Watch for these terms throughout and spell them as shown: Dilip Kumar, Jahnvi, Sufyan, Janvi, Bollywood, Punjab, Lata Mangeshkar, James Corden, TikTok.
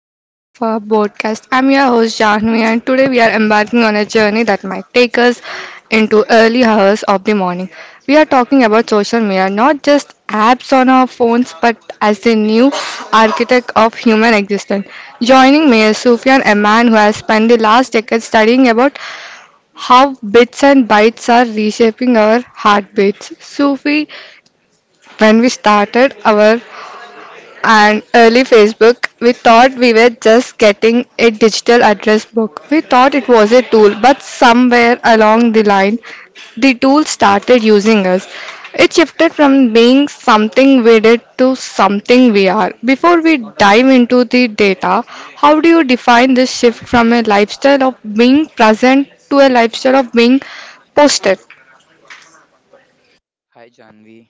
edition of our podcast. I'm your host Jahnvi, and today we are embarking on a journey that might take us into early hours of the morning. We are talking about social media, not just apps on our phones, but as the new architect of human existence. Joining me is Sufyan, a man who has spent the last decade studying about how bits and bytes are reshaping our heartbeats. Sufi, when we started our and early Facebook, we thought we were just getting a digital address book. We thought it was a tool, but somewhere along the line, the tool started using us. It shifted from being something we did to something we are. Before we dive into the data, how do you define this shift from a lifestyle of being present to a lifestyle of being posted? Hi Janvi,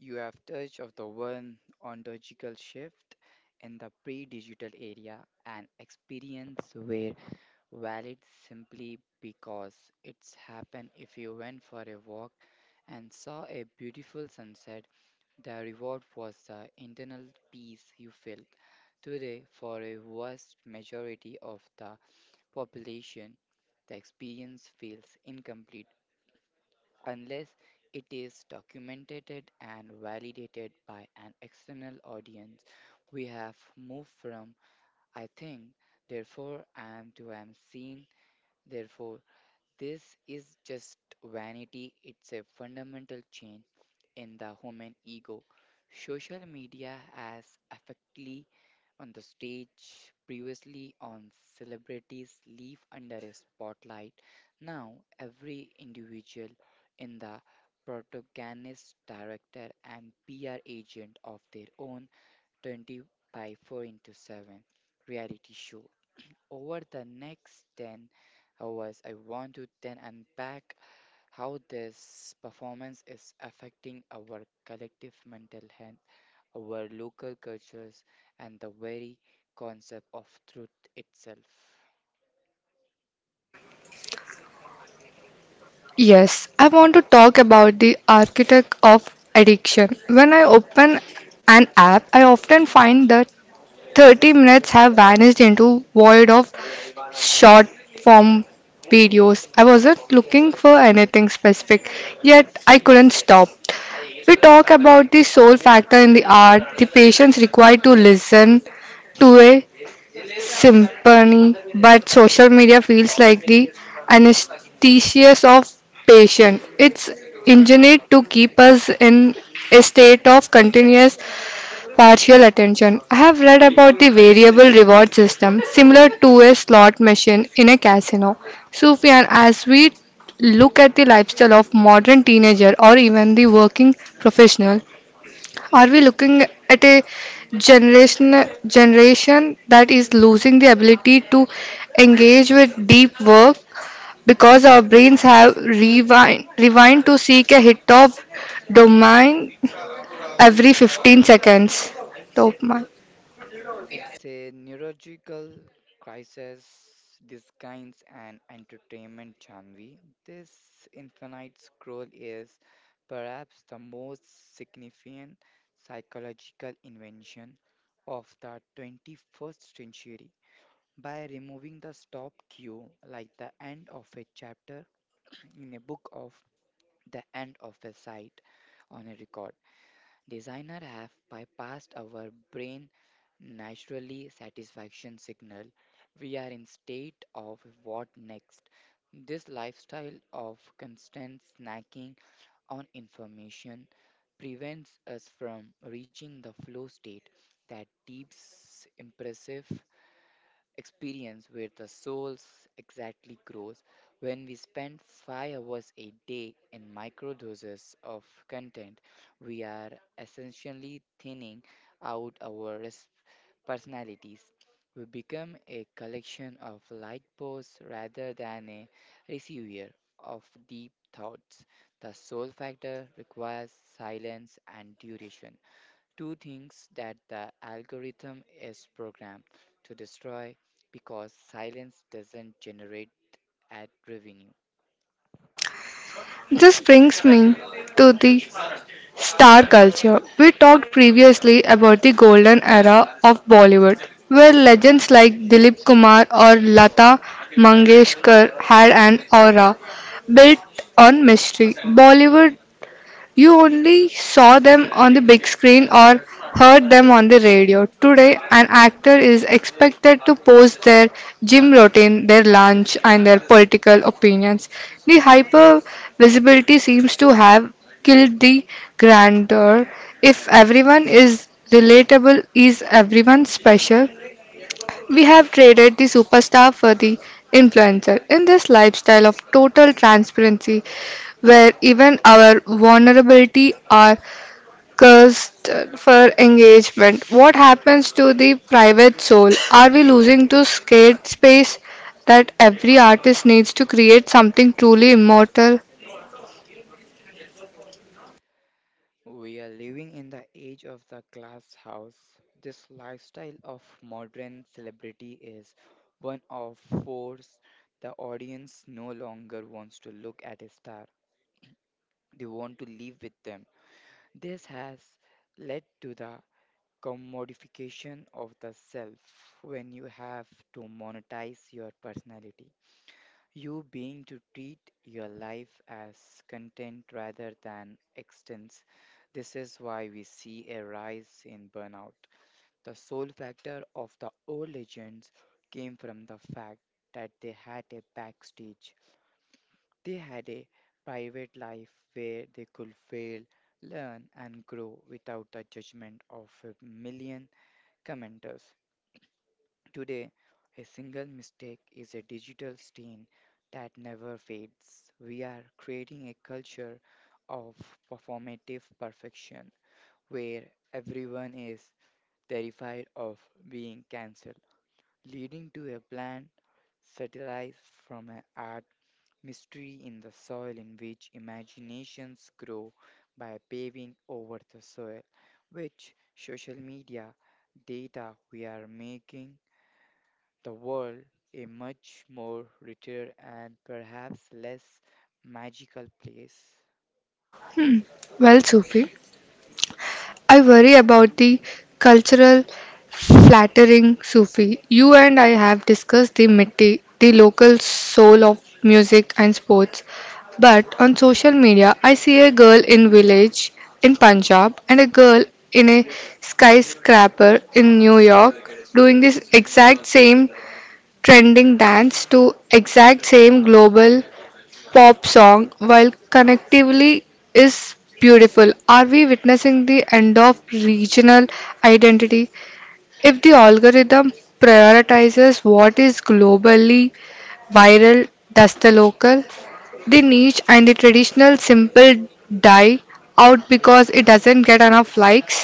you have touched of the one ontological shift in the pre-digital area, an experience where valid simply because it's happened if you went for a walk and saw a beautiful sunset, the reward was the internal peace you felt. Today, for a vast majority of the population, the experience feels incomplete unless it is documented and validated by an external audience. We have moved from I think, therefore I am to I am seen, therefore this is just vanity. It's a fundamental change in the human ego. Social media has effectively on the stage, previously on celebrities live under a spotlight. Now, every individual in the protagonist, director, and PR agent of their own 20 by 4 into 7 reality show. Over the next 10 hours, I want to then unpack how this performance is affecting our collective mental health our local cultures, and the very concept of truth itself. Yes, I want to talk about the architect of addiction. When I open an app, I often find that 30 minutes have vanished into void of short form videos. I wasn't looking for anything specific, yet I couldn't stop. We talk about the soul factor in the art, the patience required to listen, to a symphony, but social media feels like the anesthesia of passion. It's engineered to keep us in a state of continuous partial attention. I have read about the variable reward system, similar to a slot machine in a casino. Sufyan, as we look at the lifestyle of modern teenager or even the working professional, are we looking at a generation that is losing the ability to engage with deep work because our brains have rewind to seek a hit of dopamine every 15 seconds? Dopamine. It's a neurological crisis disguised an entertainment genre. This infinite scroll is perhaps the most significant psychological invention of the 21st century. By removing the stop cue, like the end of a chapter in a book of the end of a site on a record, designers have bypassed our brain naturally satisfaction signal. We are in state of what next. This lifestyle of constant snacking on information prevents us from reaching the flow state that deeps impressive experience where the soul exactly grows when we spend 5 hours a day in microdoses of content we are essentially thinning out our personalities we become a collection of like posts rather than a receiver of deep thoughts. The soul factor requires silence and duration, two things that the algorithm is programmed to destroy because silence doesn't generate ad revenue. This brings me to the Star culture. We talked previously about the golden era of Bollywood, where legends like Dilip Kumar or Lata Mangeshkar had an aura built on mystery. Bollywood you only saw them on the big screen or heard them on the radio. Today, an actor is expected to post their gym routine, their lunch, and their political opinions. The hyper visibility seems to have killed the grandeur. If everyone is relatable, is everyone special? We have traded the superstar for the influencer in this lifestyle of total transparency where even our vulnerability are cursed for engagement. What happens to the private soul? Are we losing to scared space that every artist needs to create something truly immortal? We are living in the age of the glass house. This lifestyle of modern celebrity is one of force the audience no longer wants to look at a star. They want to live with them. This has led to the commodification of the self when you have to monetize your personality. You being to treat your life as content rather than extents. This is why we see a rise in burnout. The sole factor of the old legends came from the fact that they had a backstage. They had a private life where they could fail, learn, and grow without the judgment of a million commenters. Today, a single mistake is a digital stain that never fades. We are creating a culture of performative perfection where everyone is terrified of being cancelled, leading to a bland satire from an art mystery in the soil in which imaginations grow by paving over the soil, which social media data we are making the world a much more retired and perhaps less magical place. Well, Sufi. I worry about the cultural flattering, Sufi. You and I have discussed the mitti, the local soul of music and sports. But on social media, I see a girl in village in Punjab and a girl in a skyscraper in New York doing this exact same trending dance to exact same global pop song, while connectively is beautiful. Are we witnessing the end of regional identity? If the algorithm prioritizes what is globally viral, does the local, the niche, and the traditional simple die out because it doesn't get enough likes?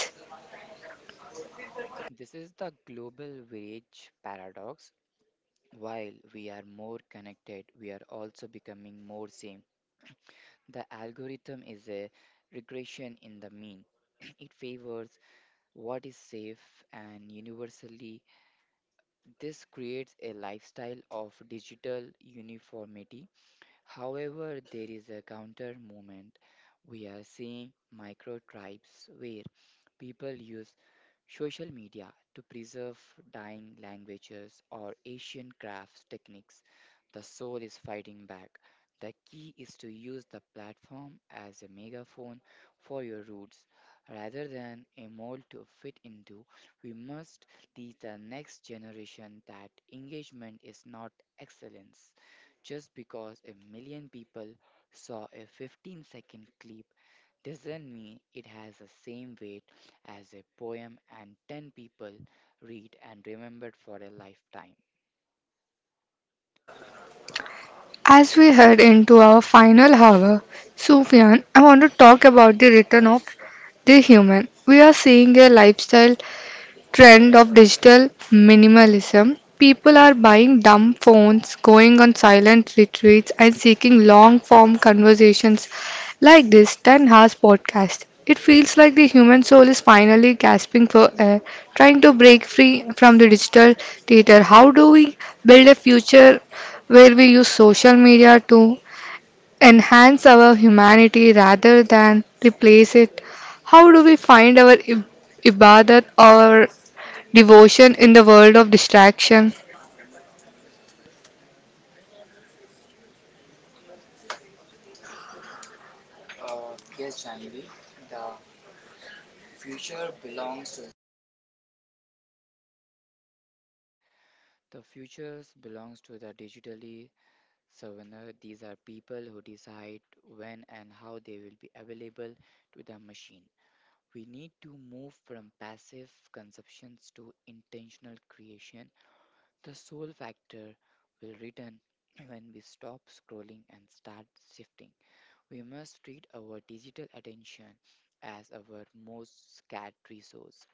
This is the global village paradox. While we are more connected, we are also becoming more same. The algorithm is a regression in the mean. It favors what is safe and universally. This creates a lifestyle of digital uniformity. However, there is a counter movement. We are seeing micro tribes where people use social media to preserve dying languages or ancient crafts techniques. The soul is fighting back. The key is to use the platform as a megaphone for your roots rather than a mold to fit into. We must teach the next generation that engagement is not excellence. Just because a million people saw a 15-second clip doesn't mean it has the same weight as a poem, and 10 people read and remembered for a lifetime. As we head into our final hour, Sufyan, I want to talk about the return of the human. We are seeing a lifestyle trend of digital minimalism. People are buying dumb phones, going on silent retreats, and seeking long form conversations like this 10 hours podcast. It feels like the human soul is finally gasping for air, trying to break free from the digital theater. How do we build a future where we use social media to enhance our humanity rather than replace it? How do we find our ibadat or devotion in the world of distraction? The futures belongs to the digitally souvenir. These are people who decide when and how they will be available to the machine. We need to move from passive conceptions to intentional creation. The soul factor will return when we stop scrolling and start shifting. We must treat our digital attention as our most scarce resource.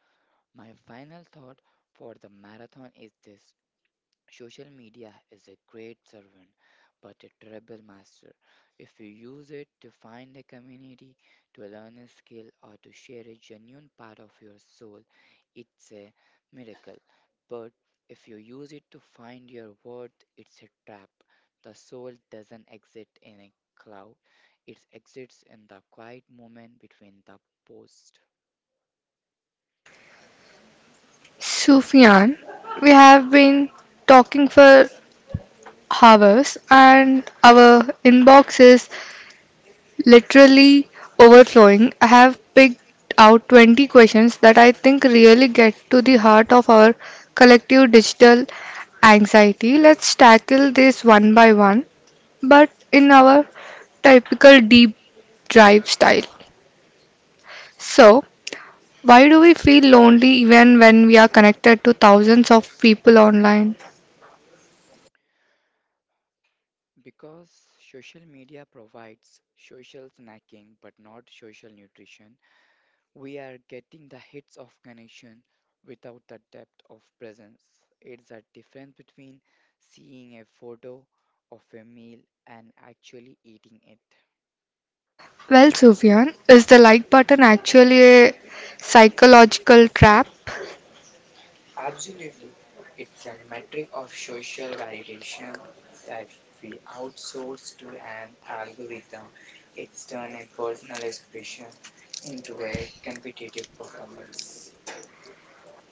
My final thought for the marathon is this social media is a great servant, but a terrible master. If you use it to find a community, to learn a skill, or to share a genuine part of your soul, it's a miracle. But if you use it to find your worth, it's a trap. The soul doesn't exist in a cloud, it exists in the quiet moment between the posts. Sufyan, we have been talking for hours and our inbox is literally overflowing. I have picked out 20 questions that I think really get to the heart of our collective digital anxiety. Let's tackle this one by one, but in our typical deep drive style. So, why do we feel lonely even when we are connected to thousands of people online? Because social media provides social snacking but not social nutrition, we are getting the hits of connection without the depth of presence. It's a difference between seeing a photo of a meal and actually eating it. Well, Sufyan, is the like button actually a psychological trap? Absolutely, it's a metric of social validation that we outsource to an algorithm. It's turned a personal expression into a competitive performance.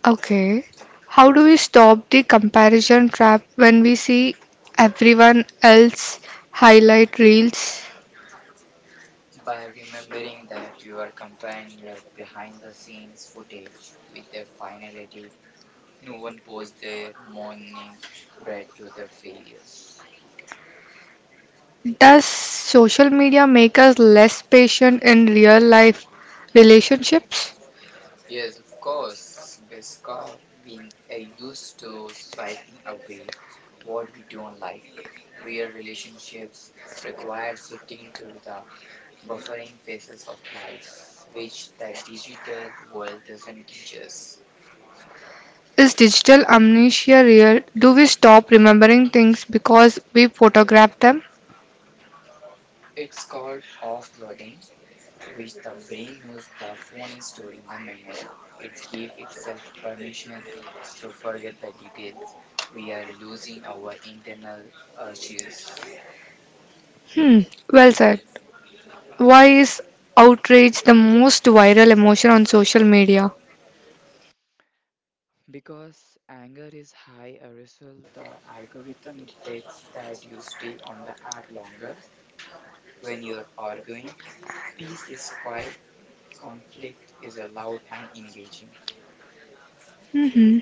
Okay. How do we stop the comparison trap when we see everyone else highlight reels? By remembering that you are comparing your behind the scenes footage with their final edit. No one posts their morning bread to their failures. Does social media make us less patient in real life relationships? Yes, of course, because we are used to swiping away what we don't like. Real relationships require sitting through the buffering phases of life, which the digital world doesn't teach us. Is digital amnesia real? Do we stop remembering things because we photograph them? It's called offloading which the brain knows the phone is storing the memory. It gives itself permission to forget the details. We are losing our internal archives. Hmm, well said. Why is outrage the most viral emotion on social media? Because anger is high arousal, the algorithm detects that you stay on the app longer. When you're arguing, peace is quiet, conflict is loud and engaging. Hmm.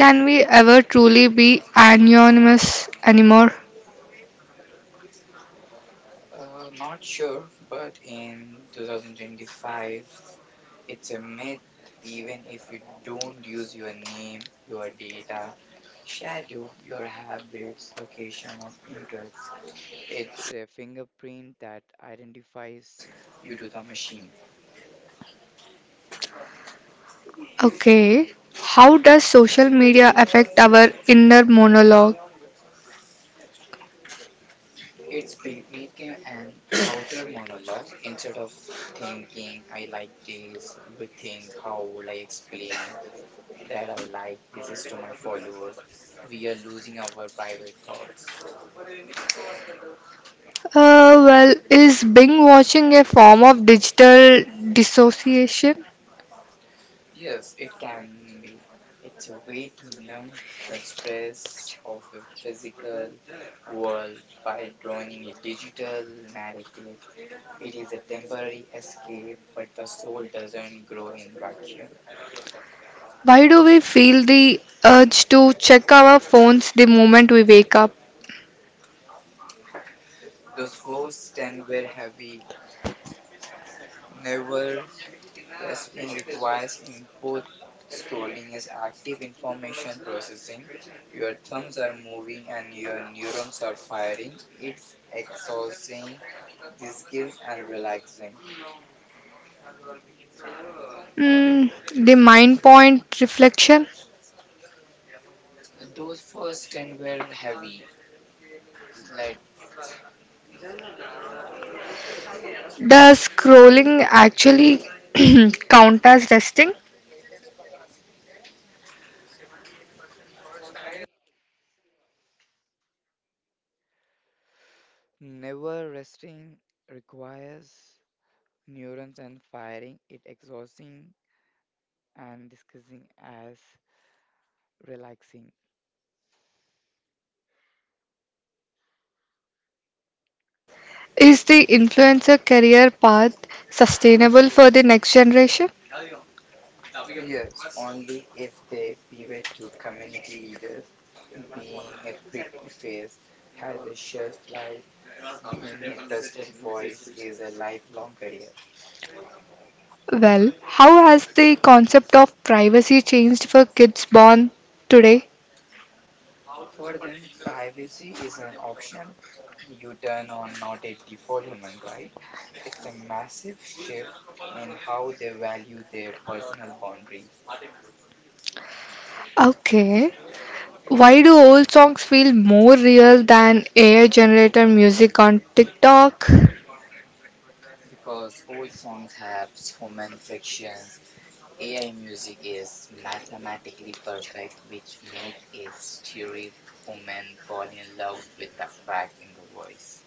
Can we ever truly be anonymous anymore? Not sure, but in 2025, it's a myth. Even if you don't use your name, your data, shadow, your habits, location, and interests, it's a fingerprint that identifies you to the machine. Okay. How does social media affect our inner monologue? It's became an outer monologue instead of thinking, I like this, we think, how will I explain that I like this is to my followers? We are losing our private thoughts. Is binge watching a form of digital dissociation? Yes, it can be. It's a way to numb the stress of a physical world by drawing a digital narrative. It is a temporary escape, but the soul doesn't grow in vacuum. Why do we feel the urge to check our phones the moment we wake up? Those first 10 were heavy, never resting requires input. Scrolling is active information processing. Your thumbs are moving and your neurons are firing. It's exhausting, disgusting, and relaxing. Mm, the mind point reflection. Those first 10 were heavy. Let's. Does scrolling actually count as resting? Never resting requires neurons and firing. It exhausting and discussing as relaxing. Is the influencer career path sustainable for the next generation? Yes, only if they pivot to community leaders. Being a preface has a shelf life, being a trusted voice is a lifelong career. Well, how has the concept of privacy changed for kids born today? For them, privacy is an option you turn on, not a default human right. It's a massive shift in how they value their personal boundaries Okay. Why do old songs feel more real than AI generated music on TikTok? because old songs have human frictions. AI music is mathematically perfect, which make a stereo human fall in love with the crack in the voice.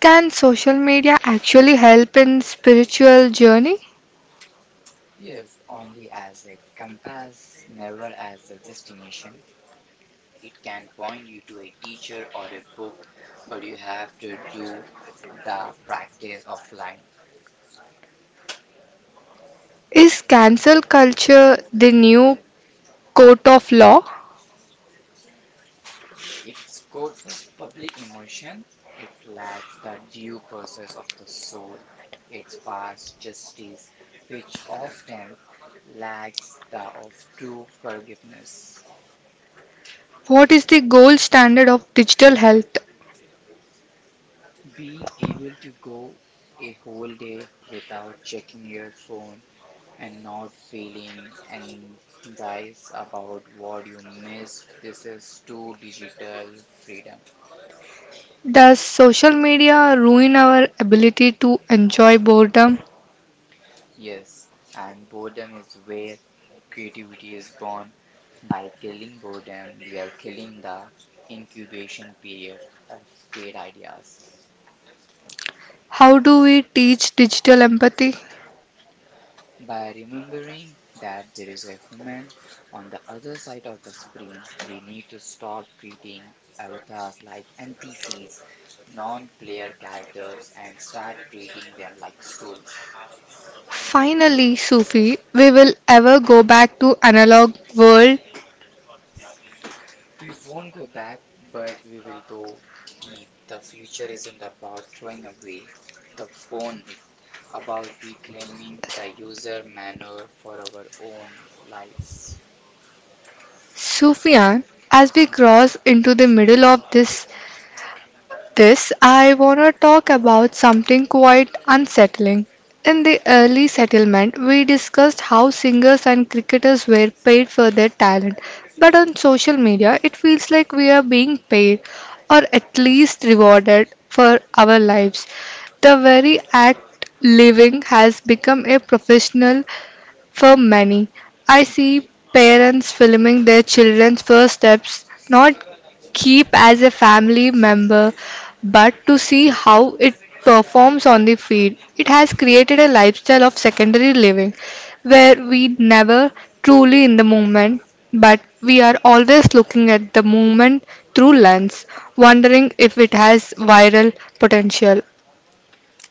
Can social media actually help in spiritual journey? Yes, only as a compass, never as a destination. It can point you to a teacher or a book, but you have to do the practice offline. Is cancel culture the new court of law? It's codes of public emotion. It's like the due process of the soul. It's fast justice, which often lacks the of true forgiveness. What is the gold standard of digital health? Being able to go a whole day without checking your phone and not feeling anxious about what you missed. This is true digital freedom. Does social media ruin our ability to enjoy boredom? Yes, and boredom is where creativity is born. By killing boredom, we are killing the incubation period of great ideas. How do we teach digital empathy? By remembering that there is a human on the other side of the screen, we need to stop treating avatars like NPCs, non player characters, and start treating them like souls. Finally, Sufi, we will ever go back to analog world. We won't go back, but we will go deep. The future isn't about throwing away the phone, it's about reclaiming the user manner for our own lives. Sufyan, as we cross into the middle of this, I want to talk about something quite unsettling. In the early settlement, we discussed how singers and cricketers were paid for their talent, but on social media, it feels like we are being paid or at least rewarded for our lives. The very act living has become a professional for many. I see parents filming their children's first steps not keep as a family member but to see how it performs on the field. It has created a lifestyle of secondary living where we never truly in the moment but we are always looking at the movement through lens wondering if it has viral potential.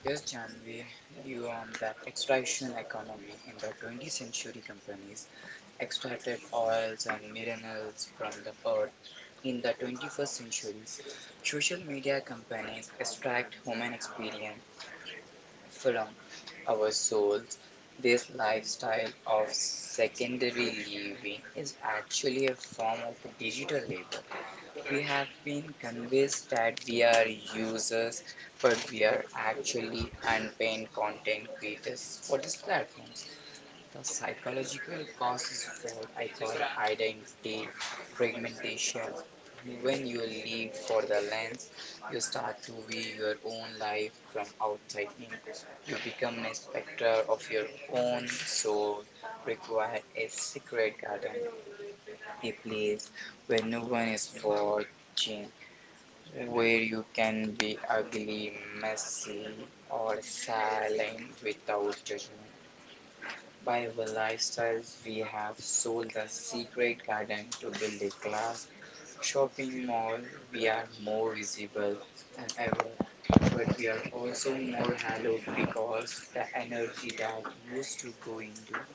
Yes, Janvi, you on the extraction economy. In the 20th century, companies extracted oils and minerals from the earth. In the 21st century, social media companies extract human experience from our souls. This lifestyle of secondary living is actually a form of digital labor. We have been convinced that we are users, but we are actually unpaid content creators for these platforms. The psychological cause is what I call identity fragmentation. When you live for the lens, you start to view your own life from outside in. You become a spectre of your own soul, require a secret garden, a place where no one is watching, where you can be ugly, messy, or silent without judgment. By our lifestyles, we have sold the secret garden to build a class shopping mall. We are more visible than ever, but we are also more hollow because the energy that used to go into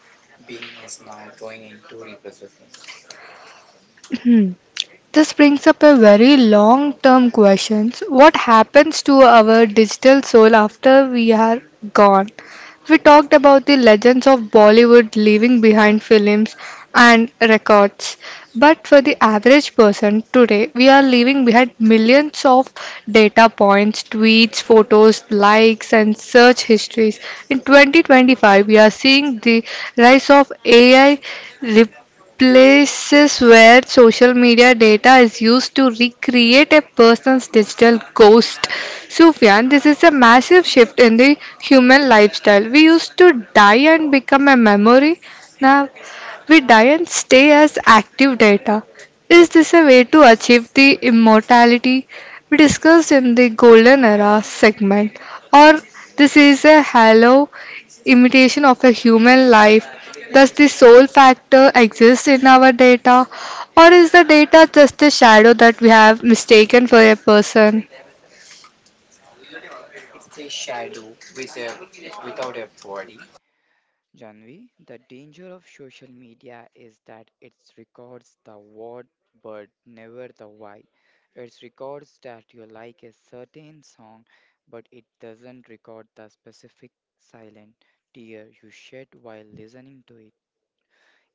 being is now going into representing. This brings up a very long term question. What happens to our digital soul after we are gone? We talked about the legends of Bollywood leaving behind films and records. But for the average person today, we are leaving behind millions of data points, tweets, photos, likes, and search histories. In 2025, we are seeing the rise of AI places where social media data is used to recreate a person's digital ghost. Sufyan, this is a massive shift in the human lifestyle. We used to die and become a memory. Now we die and stay as active data. Is this a way to achieve the immortality we discussed in the golden era segment? Or this is a hollow imitation of a human life? Does the soul factor exist in our data, or is the data just a shadow that we have mistaken for a person? It's a shadow with a without a body. Janvi, the danger of social media is that it records the what but never the why. It records that you like a certain song, but it doesn't record the specific silent tear you shed while listening to it.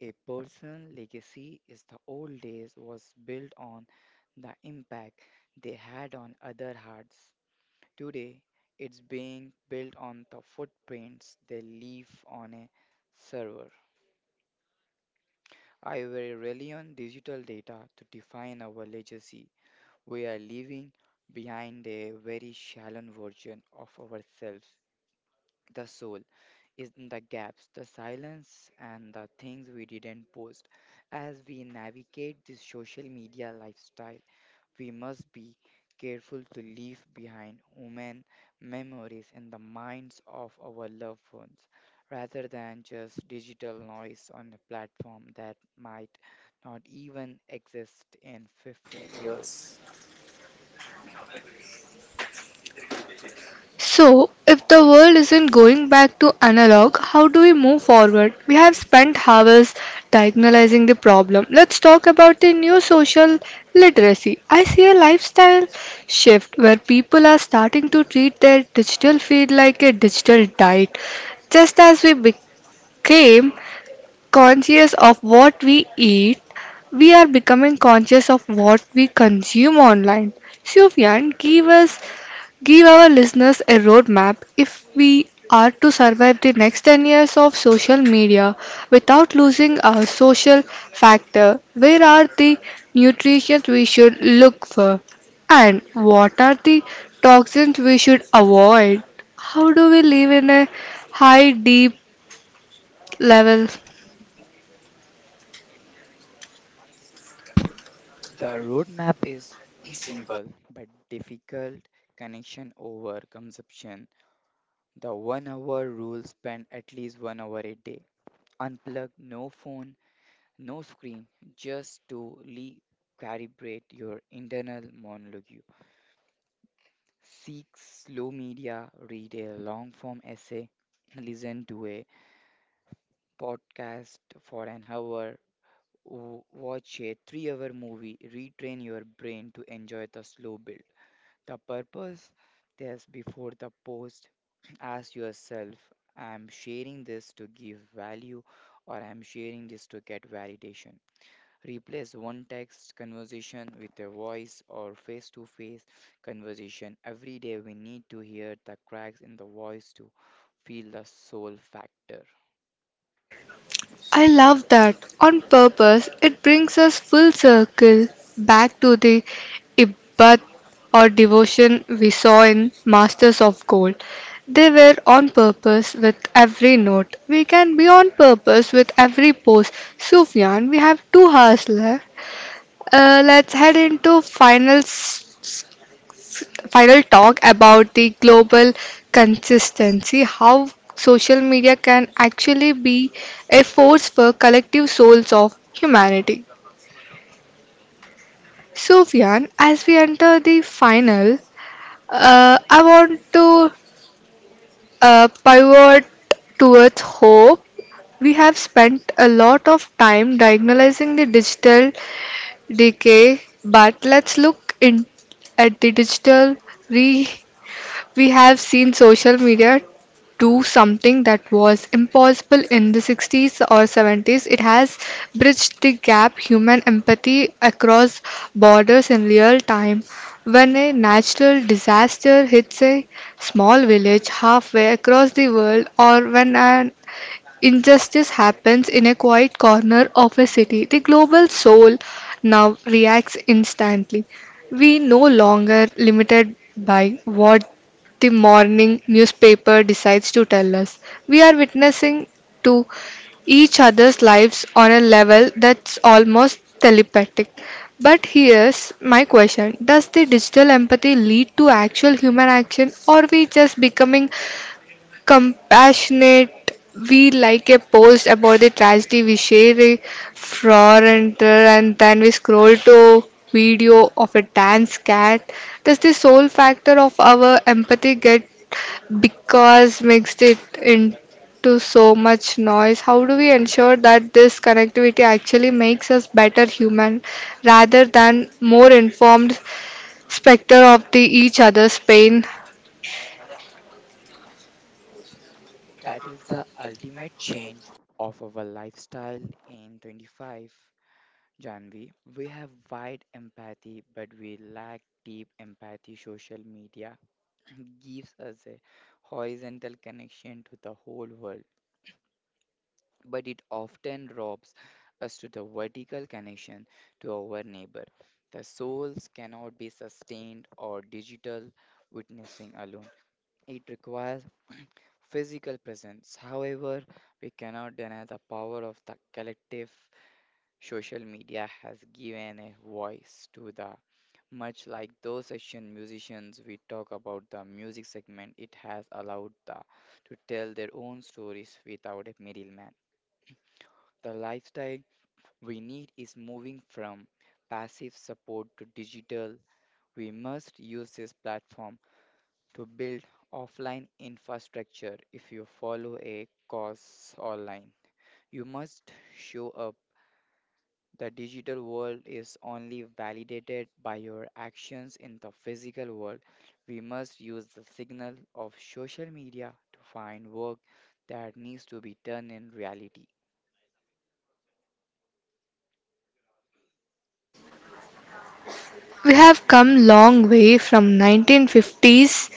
A personal legacy is the old days was built on the impact they had on other hearts. Today, it's being built on the footprints they leave on a server. I will rely on digital data to define our legacy. We are leaving behind a very shallow version of ourselves. The soul is in the gaps, the silence, and the things we didn't post. As we navigate this social media lifestyle, we must be careful to leave behind human memories in the minds of our loved ones rather than just digital noise on a platform that might not even exist in 50 years. So, if the world isn't going back to analog, how do we move forward? We have spent hours diagnosing the problem. Let's talk about the new social literacy. I see a lifestyle shift where people are starting to treat their digital feed like a digital diet. Just as we became conscious of what we eat, we are becoming conscious of what we consume online. Sufyan, give our listeners a roadmap if we are to survive the next 10 years of social media without losing our social factor. Where are the nutrients we should look for? And what are the toxins we should avoid? How do we live in a high, deep level? The roadmap is simple but difficult connection over consumption. The 1 hour rule spend at least 1 hour a day. Unplug, no phone, no screen, just to recalibrate your internal monologue. Seek slow media, read a long form essay, listen to a podcast for an hour, watch a 3 hour movie, retrain your brain to enjoy the slow build. The purpose that's before the post ask yourself I'm sharing this to give value or I'm sharing this to get validation. Replace one text conversation with a voice or face to face conversation. Every day we need to hear the cracks in the voice to feel the soul factor. I love that. On purpose, it brings us full circle back to the ibbat or devotion we saw in Masters of Gold. They were on purpose with every note. We can be on purpose with every pose. Sufyan, we have 2 hours left. Let's head into final talk about the global consistency, how social media can actually be a force for collective souls of humanity. Sufyan, as we enter the final, I want to pivot towards hope. We have spent a lot of time diagnosing the digital decay, but let's look in at the digital. We have seen social media do something that was impossible in the 60s or 70s. It has bridged the gap human empathy across borders in real time. When a natural disaster hits a small village halfway across the world, or when an Injustice happens in a quiet corner of a city. The global soul now reacts instantly. We no longer limited by what the morning newspaper decides to tell us. We are witnessing to each other's lives on a level that's almost telepathic. But here's my question. Does the digital empathy lead to actual human action or we just becoming compassionate, we like a post about the tragedy, we share a frown and then we scroll to video of a dance cat. Does the sole factor of our empathy get because mixed it into so much noise? How do we ensure that this connectivity actually makes us better human rather than more informed specter of the each other's pain? That is the ultimate change of our lifestyle in 25. Janvi, we have wide empathy, but we lack deep empathy. Social media gives us a horizontal connection to the whole world, but it often robs us to the vertical connection to our neighbor. The souls cannot be sustained or digital witnessing alone. It requires physical presence. However, we cannot deny the power of the collective social media has given a voice to the much like those session musicians we talk about the music segment, it has allowed the to tell their own stories without a middleman. The lifestyle we need is moving from passive support to digital. We must use this platform to build offline infrastructure if you follow a cause online. You must show up. The digital world is only validated by your actions in the physical world. We must use the signal of social media to find work that needs to be done in reality. We have come long way from 1950s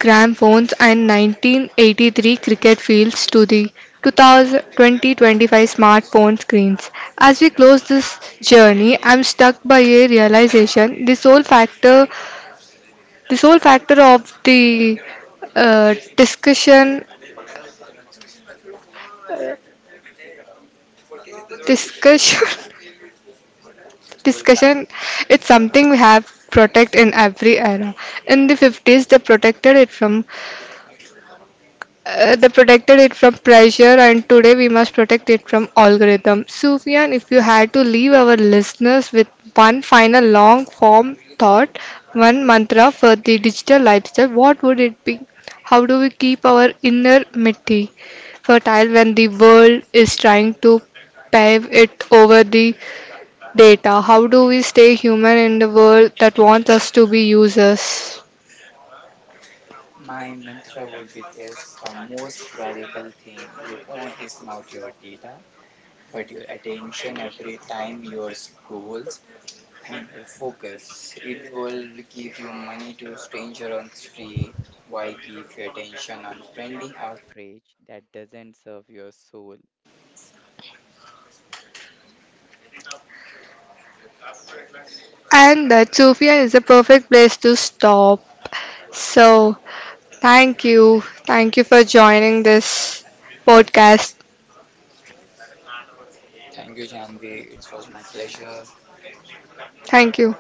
grammophones and 1983 cricket fields to the 2000, 2025 smartphone screens. As we close this journey, I'm struck by a realization: the sole factor of the uh, discussion, discussion, Well, fact. discussion. It's something we have protect in every era. In the 50s, they protected it from they protected it from pressure, and today we must protect it from algorithm. Sufyan, if you had to leave our listeners with one final long form thought, one mantra for the digital lifestyle, what would it be? How do we keep our inner mitti fertile when the world is trying to pave it over the data? How do we stay human in the world that wants us to be users? My mantra would be this the most valuable thing you own is not your data, but your attention every time your scrolls on your focus. It will give you money to stranger on street. Why give you attention on trending outrage that doesn't serve your soul? And that, Sufia, is a perfect place to stop. So, thank you. Thank you for joining this podcast. Thank you, Janvi. It was my pleasure. Thank you.